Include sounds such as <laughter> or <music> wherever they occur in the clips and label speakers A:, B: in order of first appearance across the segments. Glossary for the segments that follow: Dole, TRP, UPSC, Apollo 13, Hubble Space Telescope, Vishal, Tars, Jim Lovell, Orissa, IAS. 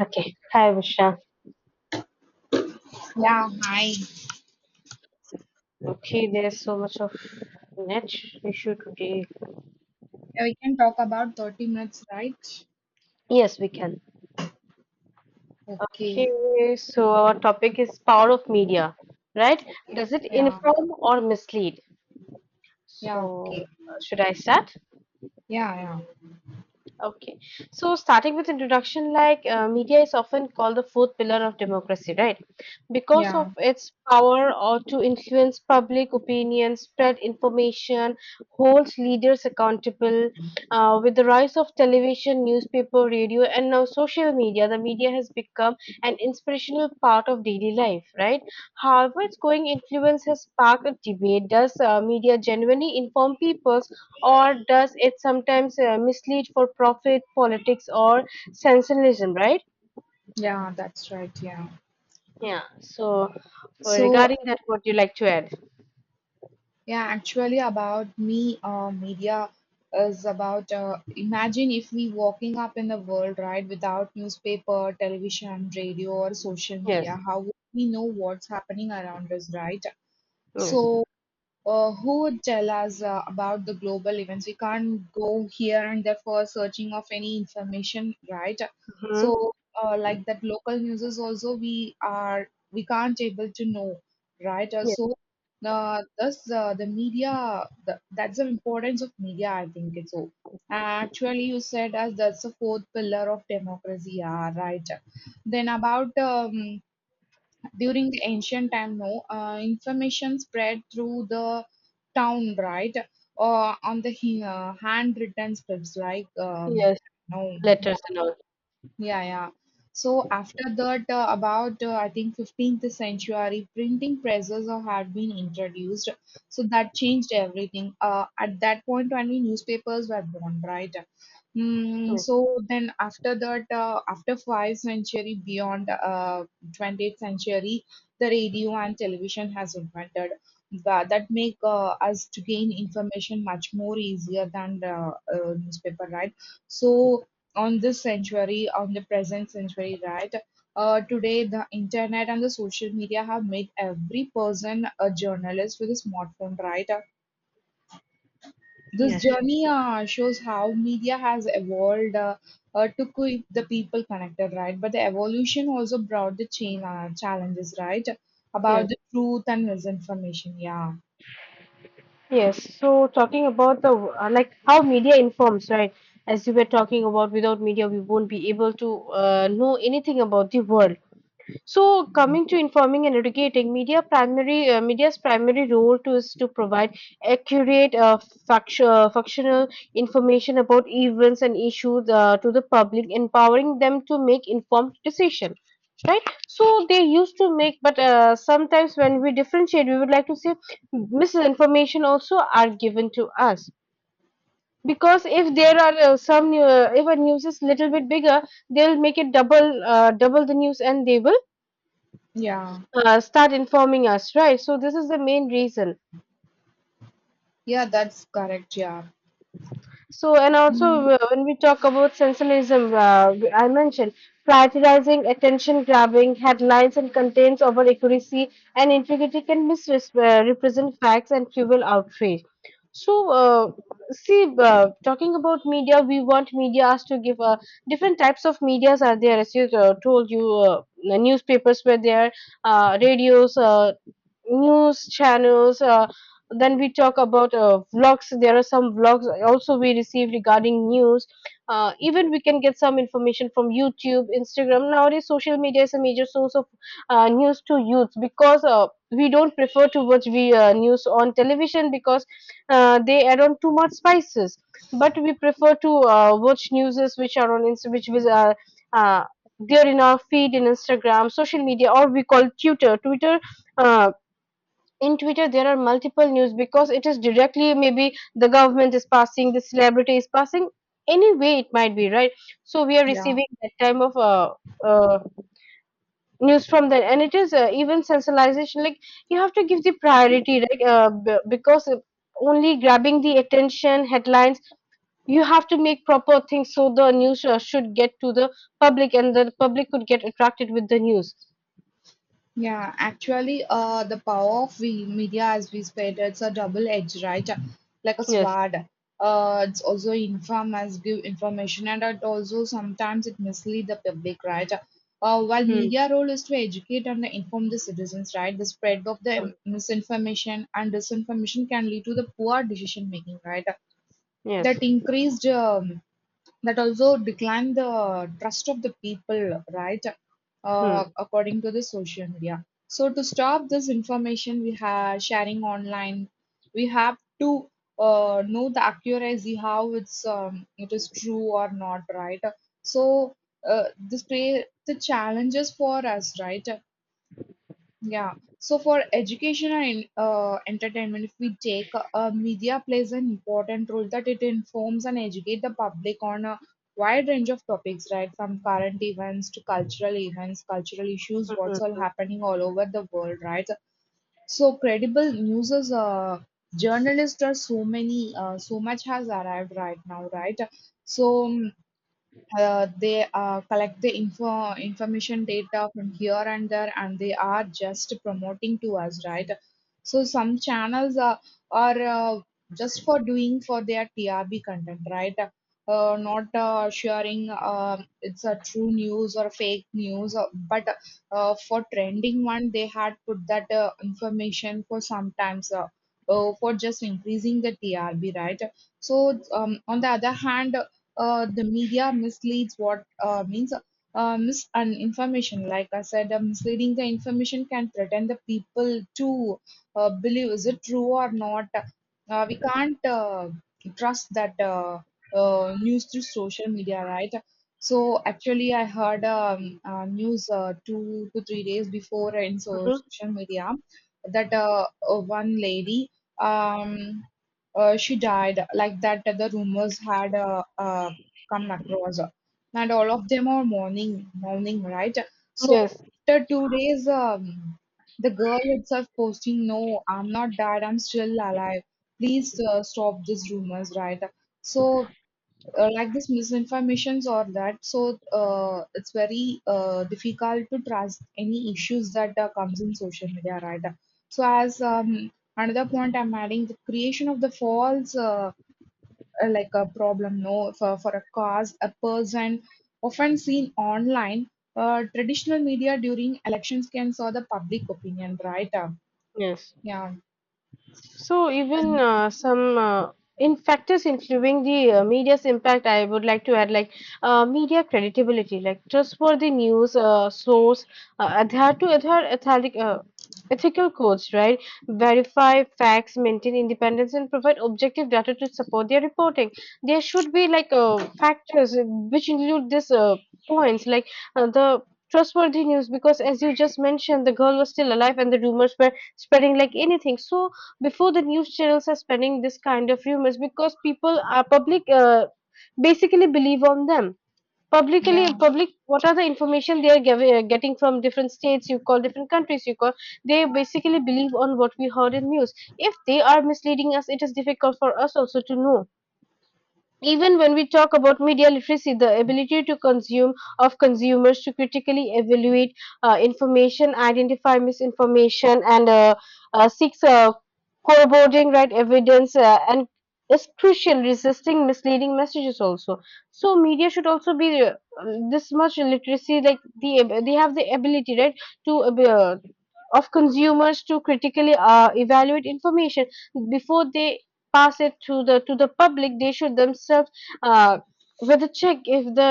A: Okay. Hi, Vishal.
B: Yeah, hi.
A: Okay, there's so much of net issue today.
B: Yeah, we can talk about 30 minutes, right?
A: Yes, we can.
B: Okay,
A: Okay, so our topic is power of media, right?
B: okay.
A: Does it
B: Yeah,
A: inform or mislead?
B: yeah, okay.
A: So, should I start?
B: Yeah, yeah,
A: Okay. So starting with introduction, like media is often called the fourth pillar of democracy, right? Because
B: yeah,
A: of its power or to influence public opinion, spread information, holds leaders accountable. With the rise of television, newspaper, radio, and now social media, the media has become an inspirational part of daily life, right? However, its growing influence has sparked a debate. Does media genuinely inform people, or does it sometimes mislead for profit, politics, or sensationalism, right?
B: yeah, that's right. Yeah.
A: Yeah. So, for
B: So,
A: regarding that, what do you like to add?
B: yeah, actually, about me, media is about imagine if we walking up in the world, right, without newspaper, television, radio, or social
A: Yes.
B: media, how would we know what's happening around us, right?
A: Yes.
B: So, who would tell us about the global events. We can't go here and there for searching of any information, right?
A: Mm-hmm.
B: So, like that local news is also we can't able to know, right?
A: Yes.
B: So, thus the that's the importance of media. I think it's so. Actually, you said as that's the fourth pillar of democracy, yeah, right? Then about during the ancient time no information spread through the town, right, or on the handwritten scripts like
A: Yes.
B: no yeah,
A: Letters and all.
B: yeah, yeah. So after that, about I think 15th century, printing presses had been introduced. So that changed everything. At that point, only newspapers were born, right?
A: Yes.
B: So then after that, after five century, beyond 20th century, the radio and television has invented. That make us to gain information much more easier than the newspaper, right? So on this century, on the present century, right? Today, the internet and the social media have made every person a journalist with a smartphone, right? This
A: Yes.
B: journey shows how media has evolved to keep the people connected, right? But the evolution also brought the chain challenges, right? About
A: Yes.
B: the truth and misinformation. Yeah.
A: Yes. So talking about the like how media informs, right? As you were talking about, without media, we won't be able to know anything about the world. So,
B: Yeah.
A: coming to informing and educating, media's primary role to is to provide accurate, functional information about events and issues to the public, empowering them to make informed decision. Right, so they used to make, but sometimes when we differentiate, we would like to say misinformation also are given to us because if there are some if a news is little bit bigger, they'll make it double the news, and they will
B: Yeah.
A: start informing us, right? So this is the main reason.
B: Yeah, that's correct. Yeah.
A: So and also
B: Mm,
A: when we talk about sensationalism, I mentioned prioritizing attention grabbing headlines and contents over accuracy and integrity can misrepresent facts and fuel outrage. So see, talking about media, we want media us to give different types of medias are there. As you told you, the newspapers were there, radios, news channels. Then we talk about vlogs, there are some vlogs also we receive regarding news. Even we can get some information from youtube, instagram. Nowadays social media is a major source of news to youth because we don't prefer to watch news on television because they add on too much spices, but we prefer to watch news which are on Insta- which is uh, there in our feed in instagram, social media, or we call twitter twitter uh, in Twitter there are multiple news because it is directly maybe the government is passing, the celebrity is passing, any way it might be, right? So we are
B: yeah.
A: receiving that time of uh, news from that, and it is even sensationalization. Like, you have to give the priority, right? B- because only grabbing the attention headlines, you have to make proper things so the news should get to the public, and the public could get attracted with the news.
B: Yeah, actually, the power of we media, as we said, it's a double edge, right? Like a
A: Yes.
B: sword. It's also inform as give information, and it also sometimes it mislead the public, right? While
A: Hmm.
B: media role is to educate and inform the citizens, right? The spread of the
A: Hmm.
B: misinformation and disinformation can lead to the poor decision making, right?
A: Yes.
B: That increased that also decline the trust of the people, right?
A: Hmm.
B: According to the social media. So to stop this information we have sharing online, we have to know the accuracy how it is true or not, right? So this creates the challenges for us, right? Yeah. So for education and entertainment, if we take media plays an important role that it informs and educate the public on a wide range of topics, right? From current events to cultural events, cultural issues, what's all
A: Hmm.
B: happening all over the world, right? So credible news is journalists are so many, so much has arrived right now, right? So they collect the information data from here and there and they are just promoting to us, right, so some channels are just for doing for their trb content, right, not sharing it's a true news or fake news, but for trending one they had put that information for sometimes for just increasing the trb, right, so on the other hand, the media misleads what means mis and information. Like I said, misleading the information can threaten the people to believe is it true or not. We can't trust that news through social media, right? So actually, I heard news 2 to 3 days before in
A: Mhm.
B: social media that one lady. Um, she died, like that the rumors had come across and all of them are mourning, right, so
A: Yes.
B: after 2 days, the girl itself posting no I'm not died, I'm still alive, please stop these rumors, right, so like this misinformations or that, so it's very difficult to trust any issues that comes in social media, right, so as another point I'm adding, the creation of the false like a problem no for, for a cause, a person often seen online, traditional media during elections can saw the public opinion, right.
A: Yes.
B: Yeah,
A: So even some in factors influencing the media's impact, I would like to add like media credibility, like trustworthy news source, adhere ethic, ethical codes, right? Verify facts, maintain independence, and provide objective data to support their reporting. There should be like factors which include these points, like the trustworthy news, because as you just mentioned, the girl was still alive and the rumors were spreading like anything. So before the news channels are spreading this kind of rumors, because people are public basically believe on them, publicly
B: yeah,
A: public what are the information they are giving, getting from different states you call, different countries you call, they basically believe on what we heard in news. If they are misleading us, it is difficult for us also to know. Even when we talk about media literacy, the ability to consume of consumers to critically evaluate information, identify misinformation, and seeks corroborating right evidence and is crucial resisting misleading messages also. So media should also be this much literacy, like they have the ability, right, to of consumers to critically evaluate information before they pass it to the public. They should themselves uh, whether check if the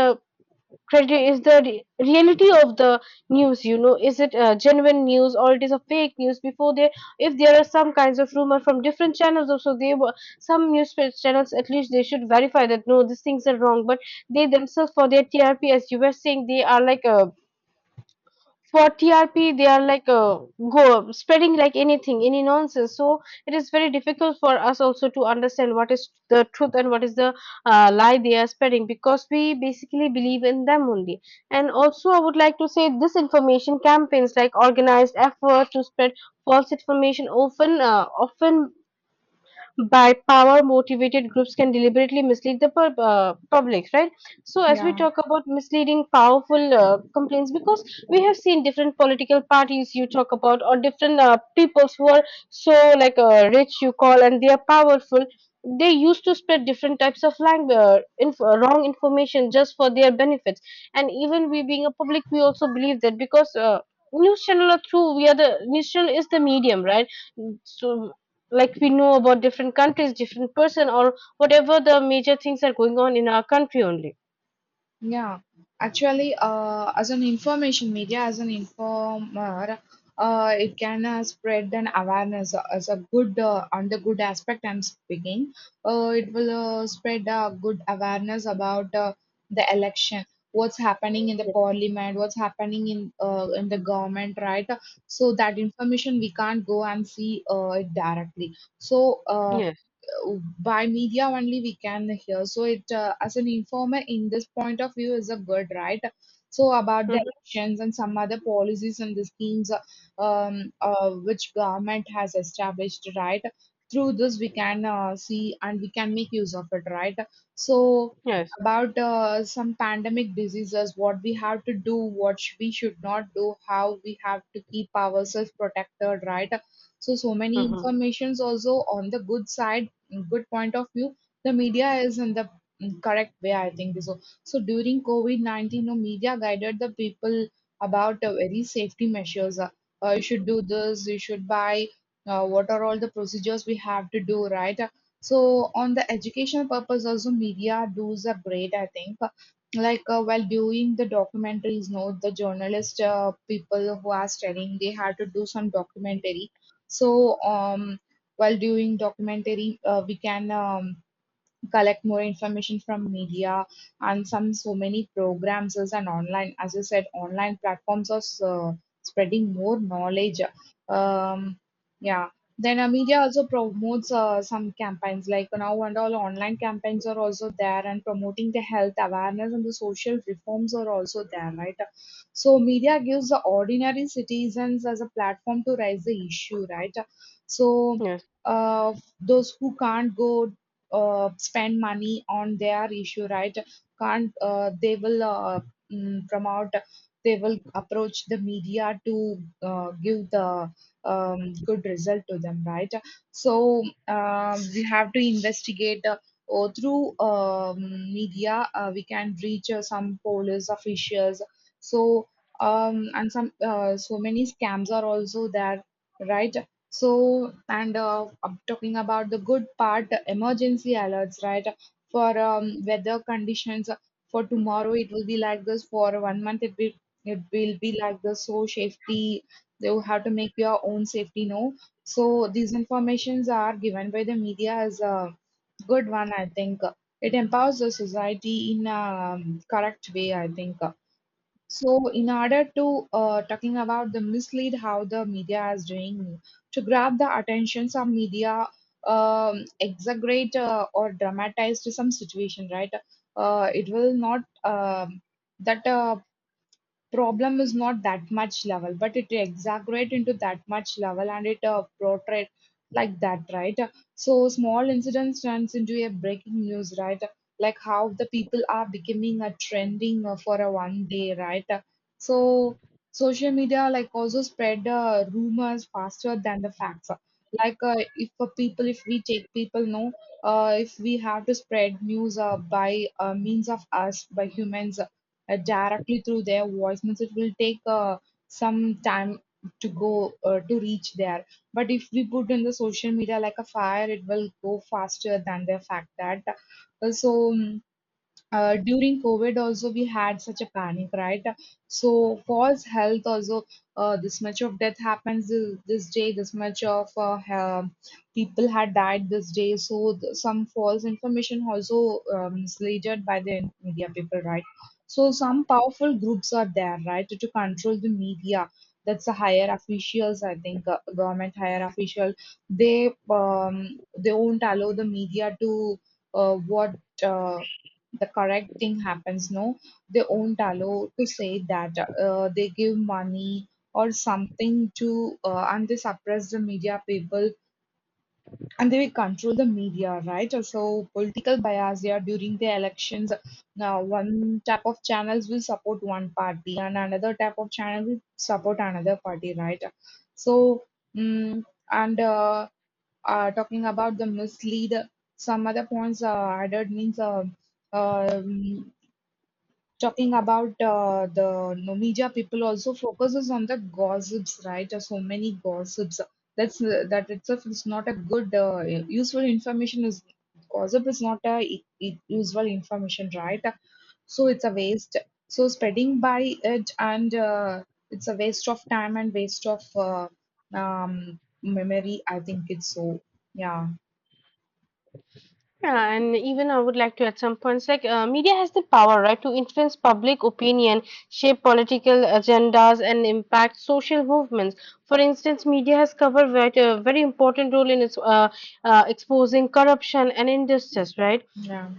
A: credit is the reality of the news. You know, is it genuine news or it is a fake news? Before they, if there are some kinds of rumor from different channels, also they were some news channels at least they should verify that no, these things are wrong. But they themselves for their TRP, as you were saying, they are like a for TRP, they are like go spreading like anything, any nonsense. So it is very difficult for us also to understand what is the truth and what is the lie they are spreading, because we basically believe in them only. And also, I would like to say disinformation campaigns like organized effort to spread false information often by power motivated groups can deliberately mislead the public, right? So as we
B: yeah.
A: talk about misleading powerful complaints, because we have seen different political parties you talk about, or different peoples who are so like rich you call and they are powerful, they used to spread different types of language wrong information just for their benefits. And even we being a public, we also believe that, because news channel are through, we are the news channel is the medium, right? So like we know about different countries, different person, or whatever the major things are going on in our country only.
B: Yeah, actually, as an information media, as an informer, it can spread an awareness as a good on the good aspect. I'm speaking. It will spread good awareness about the election, what's happening in the parliament, what's happening in the government, right? So that information we can't go and see it directly. So
A: Yes.
B: by media only we can hear. So it as an informer in this point of view is a good, right. So about the
A: Hmm.
B: elections and some other policies and the schemes which government has established, right? Through this we can see and we can make use of it, right? So
A: Yes.
B: about some pandemic diseases, what we have to do, what we should not do, how we have to keep ourselves protected, right? So so many
A: Hmm.
B: informations also on the good side, good point of view, the media is in the correct way, I think. So so during covid-19 no media guided the people about very safety measures, you should do this, you should buy what are all the procedures we have to do, right. So on the educational purpose also media does are great, I think. Like while doing the documentaries no the journalist people who are studying they had to do some documentary, so um while doing documentary, we can collect more information from media and some so many programs is and online as you said online platforms are uh, spreading more knowledge. um yeah then media also promotes some campaigns, like now and all online campaigns are also there and promoting the health awareness and the social reforms are also there, right. So media gives the ordinary citizens as a platform to raise the issue, right, so
A: Yes.
B: uh, those who can't go spend money on their issue, right, can't they will promote, they will approach the media to give the good result to them, right, so we have to investigate or through media we can reach some police officials, so and some so many scams are also there, right. So, and I'm talking about the good part, the emergency alerts, right? For weather conditions, for tomorrow it will be like this. For one month it will be like this. So safety, you have to make your own safety know. So these informations are given by the media as a good one. I think it empowers the society in a correct way. I think. So, in order to talking about the mislead how the media is doing to grab the attention, some media exaggerate or dramatize to some situation, right? It will not that problem is not that much level but it exaggerate into that much level and it portray like that, right, so small incidents turns into a breaking news, right, like how the people are becoming a trending for a one day, right, so social media like also spread rumors faster than the facts, like if people if we take people know, if we have to spread news by means of us by humans, directly through their voice means it will take some time to go to reach there, but if we put in the social media like a fire it will go faster than the fact that, uh, so um, during covid also we had such a panic, right, so false health also, this much of death happens this, this day, this much of people had died this day, so some false information also misled by the media people, right, so some powerful groups are there, right, to control the media, that's the higher officials I think, government higher official, they um, they won't allow the media to what uh the correct thing happens no, they won't allow to say that. Uh, they give money or something to and they suppress the media people and they will control the media, right, so political bias, yeah, during the elections now one type of channels will support one party and another type of channel will support another party, right, so mm and talking about the mislead, some other points added means, um, talking about the Nomija people also focuses on the gossips, right? There's so many gossips. That's that itself is not a good useful information. Is gossip is not a useful information, right? So it's a waste. So spreading by it and it's a waste of time and waste of memory. I think it's so. Yeah.
A: Yeah, and even I would like to add some points, like media has the power right to influence public opinion, shape political agendas, and impact social movements. For instance, media has covered a very important role in its exposing corruption and injustice, right?
B: Yeah.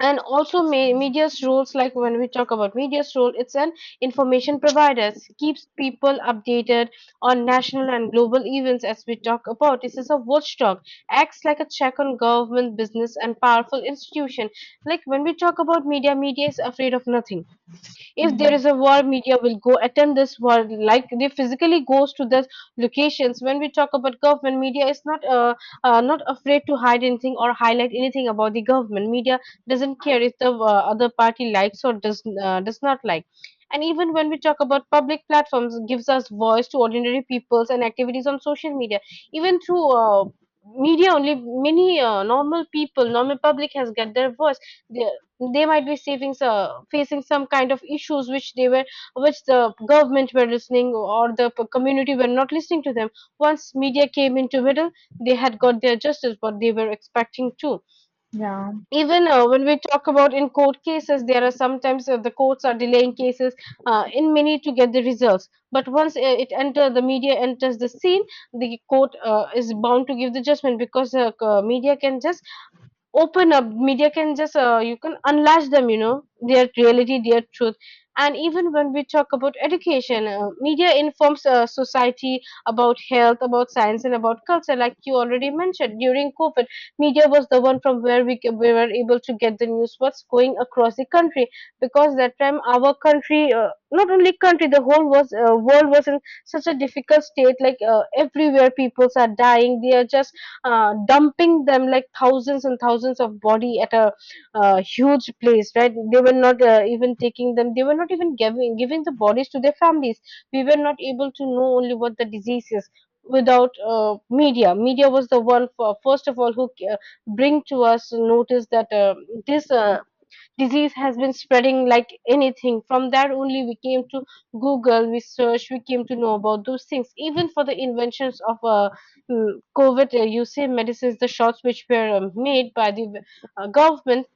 A: And also media's roles, like when we talk about media's role, it's an information provider. It keeps people updated on national and global events. As we talk about, this is a watchdog, acts like a check on government, business, and powerful institution. Like when we talk about media, media is afraid of nothing. If there is
B: Mm.
A: a war, media will go attend this war. Like they physically goes to the locations. When we talk about government, media is not not afraid to hide anything or highlight anything about the government. Media doesn't care if the other party likes or does not like. And even when we talk about public platforms, gives us voice to ordinary peoples and activities on social media. Even through media only, many normal people, normal public, has got their voice. They they might be saving, facing some kind of issues which they were, which the government were listening or the community were not listening to them. Once media came into middle, they had got their justice what they were expecting too.
B: Yeah.
A: Even when we talk about in court cases, there are sometimes the courts are delaying cases in many to get the results. But once it enter the media enters the scene, the court is bound to give the judgment, because the media can just open up, media can just you can unlash them, you know, their reality, their truth. And even when we talk about education, media informs society about health, about science, and about culture. Like you already mentioned, during covid, media was the one from where we were able to get the news what's going across the country. Because that time our country not only country, the whole was world was in such a difficult state. Like everywhere peoples are dying, they are just dumping them like thousands and thousands of body at a huge place, right? They were not even taking them, they were not even giving the bodies to their families. We were not able to know only what the disease is without media. Media was the one for, first of all, who bring to us notice that this disease has been spreading like anything. From that only we came to Google, we search, we came to know about those things. Even for the inventions of COVID, you say medicines, the shots which were made by the government,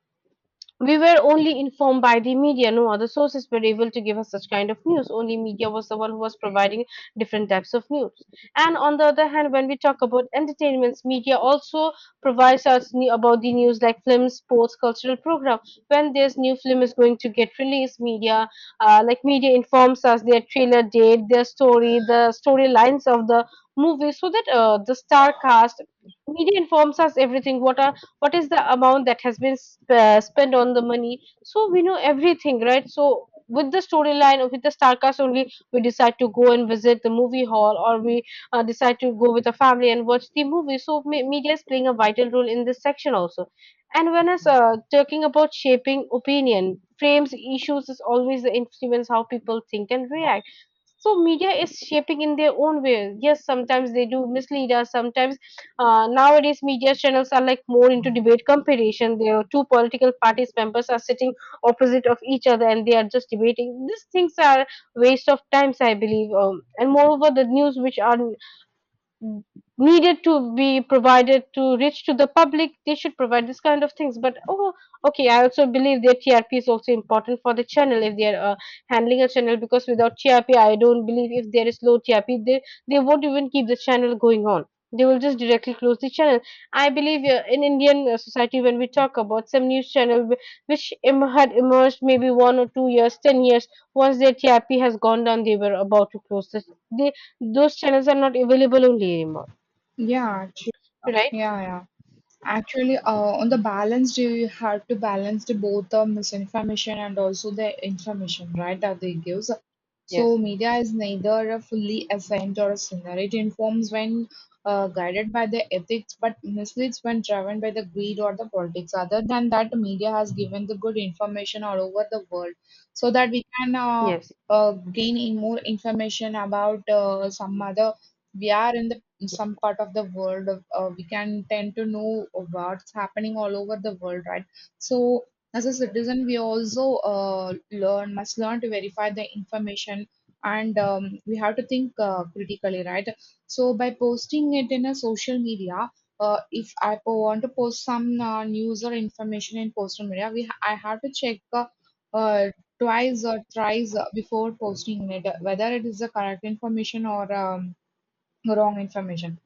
A: we were only informed by the media. No other sources were able to give us such kind of news. Only media was the one who was providing different types of news. And on the other hand, when we talk about entertainments, media also provides us new, about the news like films, sports, cultural program. When this new film is going to get released, media media informs us their trailer date, their story, the storylines of the movie, so that the star cast media informs us everything. What is the amount that has been spent on the money, so we know everything, right? So with the storyline or with the starcast only, we decide to go and visit the movie hall, or we decide to go with the family and watch the movie. So media is playing a vital role in this section also. And when us talking about shaping opinion, frames issues is always the influence how people think and react. So media is shaping in their own way. Yes, sometimes they do mislead us. Sometimes nowadays, media channels are like more into debate competition. There are two political parties members are sitting opposite of each other, and they are just debating. These things are waste of times, I believe. And moreover, the news which are needed to be provided to reach to the public, they should provide this kind of things, but oh okay, I also believe their TRP is also important for the channel, if they are handling a channel, because without trp, I don't believe, if there is low TRP, they won't even keep the channel going on. They will just directly close the channel. I believe in indian society, when we talk about some news channel which had emerged maybe 1 or 2 years, 10 years, once their TRP has gone down, they were about to close this. They, those channels are not available only anymore,
B: Yeah. Actually.
A: right?
B: Yeah. Yeah. Actually, on the balance, do you have to balance the both the misinformation and also the information, right, that they gives. So
A: Yes.
B: media is neither a fully assigned or a sinner. It informs when guided by the ethics, but misleads when driven by the greed or the politics. Other than that, media has given the good information all over the world, so that we can
A: Yes,
B: gain in more information about some other. We are in the in some part of the world, we can tend to know what's happening all over the world, right? So as a citizen we also uh, learn must learn to verify the information, and we have to think critically, right? So by posting it in a social media, if I po- want to post some news or information in social media I have to check uh, twice or thrice before posting it, whether it is the correct information or wrong information.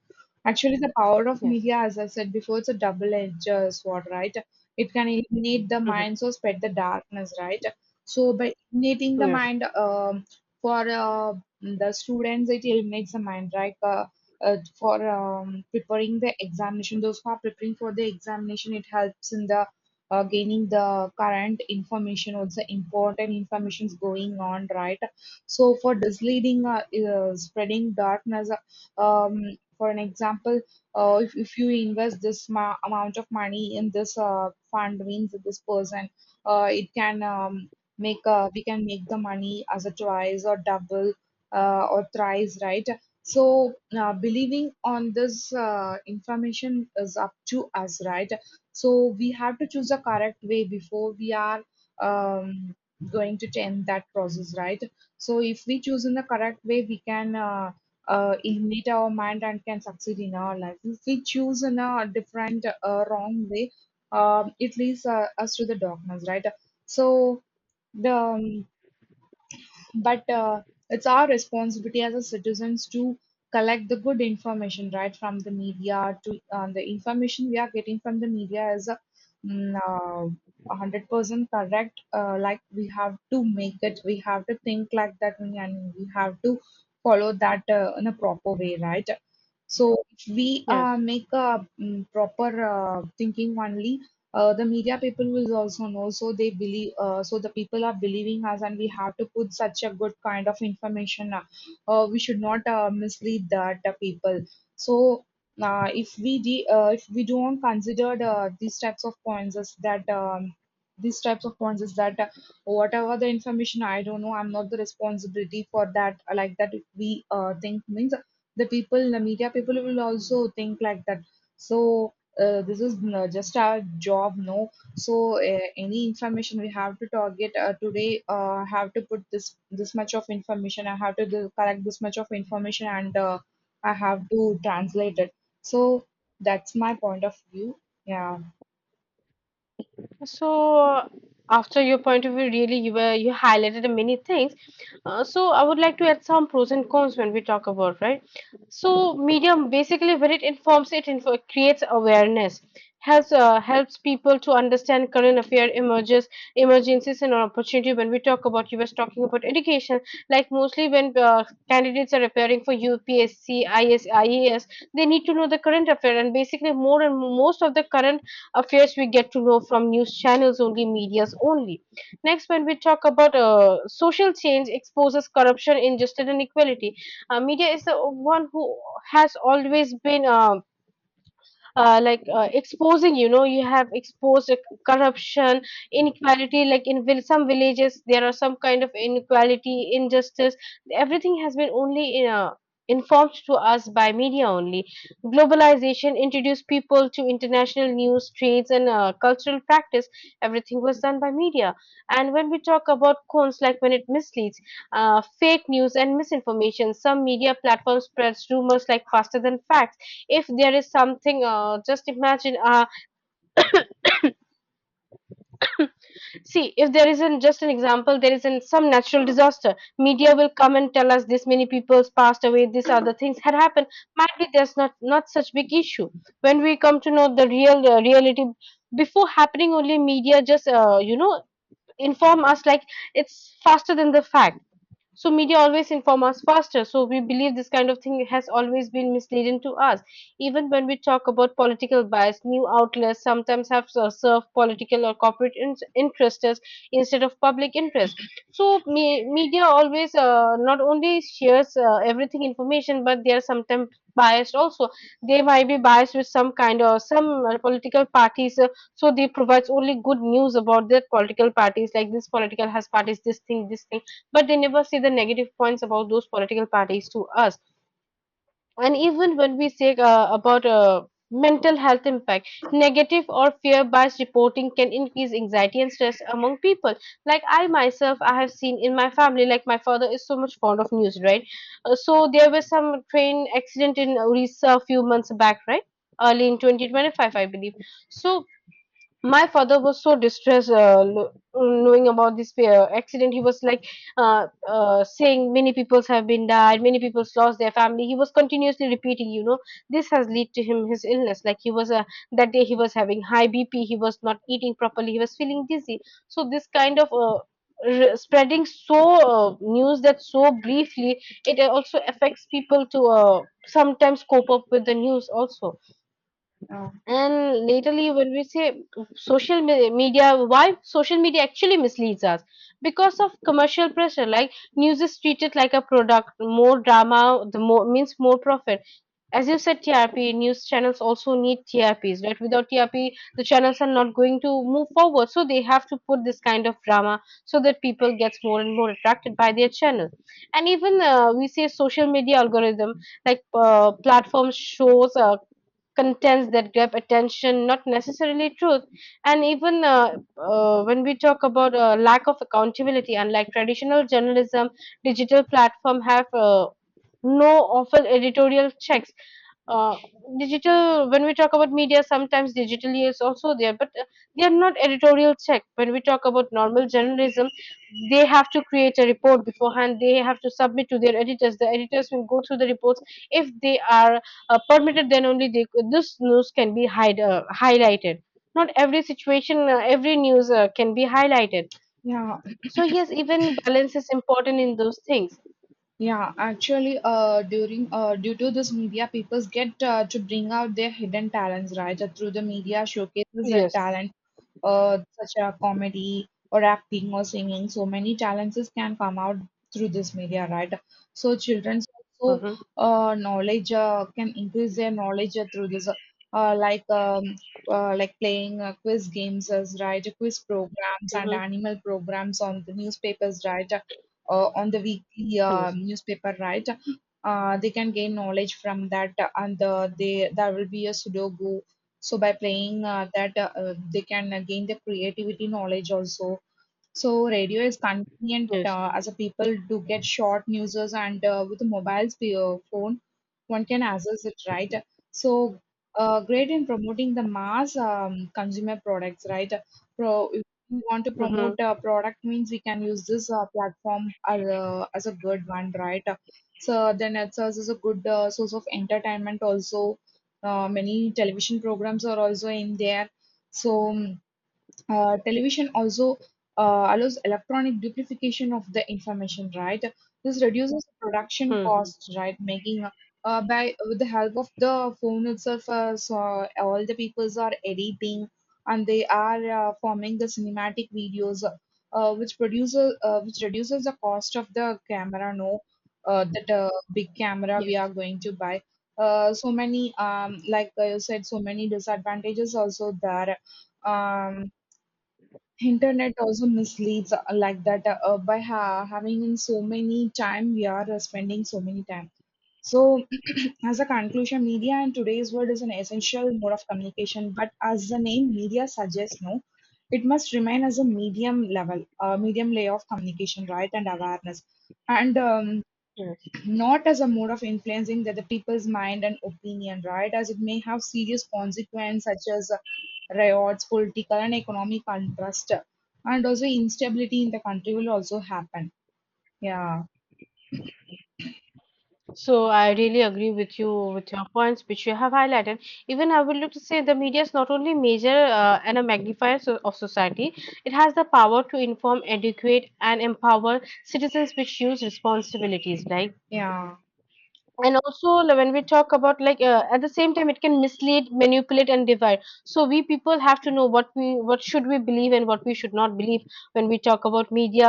B: Actually, the power of
A: yes.
B: media, as I said before, it's a double-edged sword, right? It can illuminate the
A: Hmm.
B: mind, so spread the darkness, right? So by illuminating the
A: Yes,
B: mind, for the students, it illuminates the mind, right? For preparing the examination, those who are preparing for the examination, it helps in the gaining the current information, also important informations going on, right? So for misleading, spreading darkness, um for an example, if you invest this amount of money in this fund means this person, it can make we can make the money as a twice or double or thrice, right? So believing on this information is up to us, right? So we have to choose the correct way before we are um, going to end that process, right? So if we choose in the correct way, we can ignite our mind and can succeed in our life. If we choose in a different wrong way, it leads us to the darkness, right? So the but it's our responsibility as a citizens to collect the good information, right, from the media. To The information we are getting from the media is a mm, uh, 100% correct. Like we have to make it, we have to think like that, and we have to follow that in a proper way, right? So if we
A: yes.
B: make a proper thinking only, the media people will also know. So they believe. So the people are believing us, and we have to put such a good kind of information. We should not mislead that people. So if we don't consider these types of points is that these types of points is that whatever the information I don't know, I'm not the responsibility for that. Like that, if we think means the people, the media people will also think like that. So this is no, just our job, no. So any information we have to target today, have to put this this much of information. I have to do, collect this much of information, and I have to translate it. So that's my point of view. Yeah,
A: So, after your point of view, really, you highlighted many things. So, I would like to add some pros and cons when we talk about, right? So, medium basically when it informs, it info creates awareness, helps helps people to understand current affair, emerges, emergencies, and opportunity. When we talk about, you were talking about education, like mostly when candidates are preparing for UPSC, IAS, they need to know the current affair, and basically more and most of the current affairs we get to know from news channels only, medias only. Next, when we talk about social change exposes corruption, injustice, and inequality, media is the one who has always been. Exposing, you know, you have exposed corruption, inequality, like in some villages there are some kind of inequality, injustice. Everything has been only in informed to us by media only. Globalization introduced people to international news trades and cultural practice. Everything was done by media. And when we talk about cons, like when it misleads, fake news and misinformation, some media platforms spreads rumors like faster than facts. If there is something, just imagine see if there isn't, just an example, there isn't some natural disaster, media will come and tell us this many people's passed away, these other things had happened. Might be there's not such big issue. When we come to know the real reality, before happening only, media just, you know, inform us like it's faster than the fact. So media always inform us faster, so we believe this kind of thing has always been misleading to us. Even when we talk about political bias, new outlets sometimes have served political or corporate interests instead of public interest. So media always not only shares everything information, but they are sometimes biased also. They might be biased with some kind of some political parties so they provides only good news about their political parties, like this political has parties, this thing, this thing, but they never see the negative points about those political parties to us. And even when we say about mental health impact, negative or fear based reporting can increase anxiety and stress among people. Like I myself, I have seen in my family, like my father is so much fond of news, right? So there was some train accident in Orissa a few months back, right? Early in 2025, I believe. So my father was so distressed, knowing about this accident, he was like, saying many people have been died, many people lost their family, he was continuously repeating, you know, this has led to him, his illness, like he was that day, he was having high BP, he was not eating properly, he was feeling dizzy. So this kind of spreading so news that so briefly, it also affects people to sometimes cope up with the news also.
B: uh,
A: And lately, when we say social media, why social media actually misleads us? Because of commercial pressure, like news is treated like a product, more drama, the more means more profit. As you said, TRP news channels also need TRPs, right? Without TRP, the channels are not going to move forward, so they have to put this kind of drama so that people gets more and more attracted by their channel. And even we say social media algorithm, like platforms shows contents that grab attention, not necessarily truth. And even when we talk about lack of accountability, unlike traditional journalism, digital platform have no often editorial checks. uh, Digital, when we talk about media, sometimes digitally is also there, but they are not editorial check. When we talk about normal journalism, they have to create a report beforehand, they have to submit to their editors, the editors will go through the reports. If they are permitted, then only they, this news can be highlighted. Not every situation, every news can be highlighted.
B: yeah.
A: So yes, even balance is important in those things.
B: Yeah, actually, during due to this media, people get to bring out their hidden talents, right? Through the media showcases their
A: Yes.
B: talent, such as comedy or acting or singing. So many talents is can come out through this media, right? So children's also
A: Mm-hmm.
B: knowledge can increase their knowledge through this, uh, like um, like playing quiz games, as right? Quiz programs and
A: Mm-hmm.
B: animal programs on the newspapers, right? On the weekly
A: Yes.
B: newspaper, right? They can gain knowledge from that, and they there will be a Sudoku. So by playing that, they can gain the creativity knowledge also. So radio is convenient
A: Yes.
B: as a people do get short newses and with the mobile phone, one can access it, right? So great in promoting the mass consumer products, right? If we want to promote
A: Mm-hmm.
B: a product means we can use this platform as a good one, right? So then it serves as a good source of entertainment also. Many television programs are also in there. So um, Television also allows electronic duplication of the information, right? This reduces production
A: Mm-hmm.
B: costs, right? Making by with the help of the phone itself, all the peoples are editing and they are forming the cinematic videos, which reduces the cost of the camera. No, that big camera we are
A: Yes.
B: going to buy. So many like you said, so many disadvantages also there. Um, Internet also misleads like that, by having in so many time we are spending so many time. So <clears throat> as a conclusion, media in today's world is an essential mode of communication. But as the name media suggests, no, it must remain as a medium level, medium layer of communication, right, and awareness. And
A: Yes.
B: not as a mode of influencing that the people's mind and opinion, right? As it may have serious consequences such as riots, political and economic unrest, and also instability in the country will also happen. Yeah,
A: So I really agree with you, with your points which you have highlighted. Even I would like to say the media is not only major and a magnifier of society, it has the power to inform, educate, and empower citizens which use responsibilities like.
B: yeah.
A: And also, like, when we talk about, like, at the same time, it can mislead, manipulate, and divide. So we people have to know what, we what should we believe and what we should not believe, when we talk about media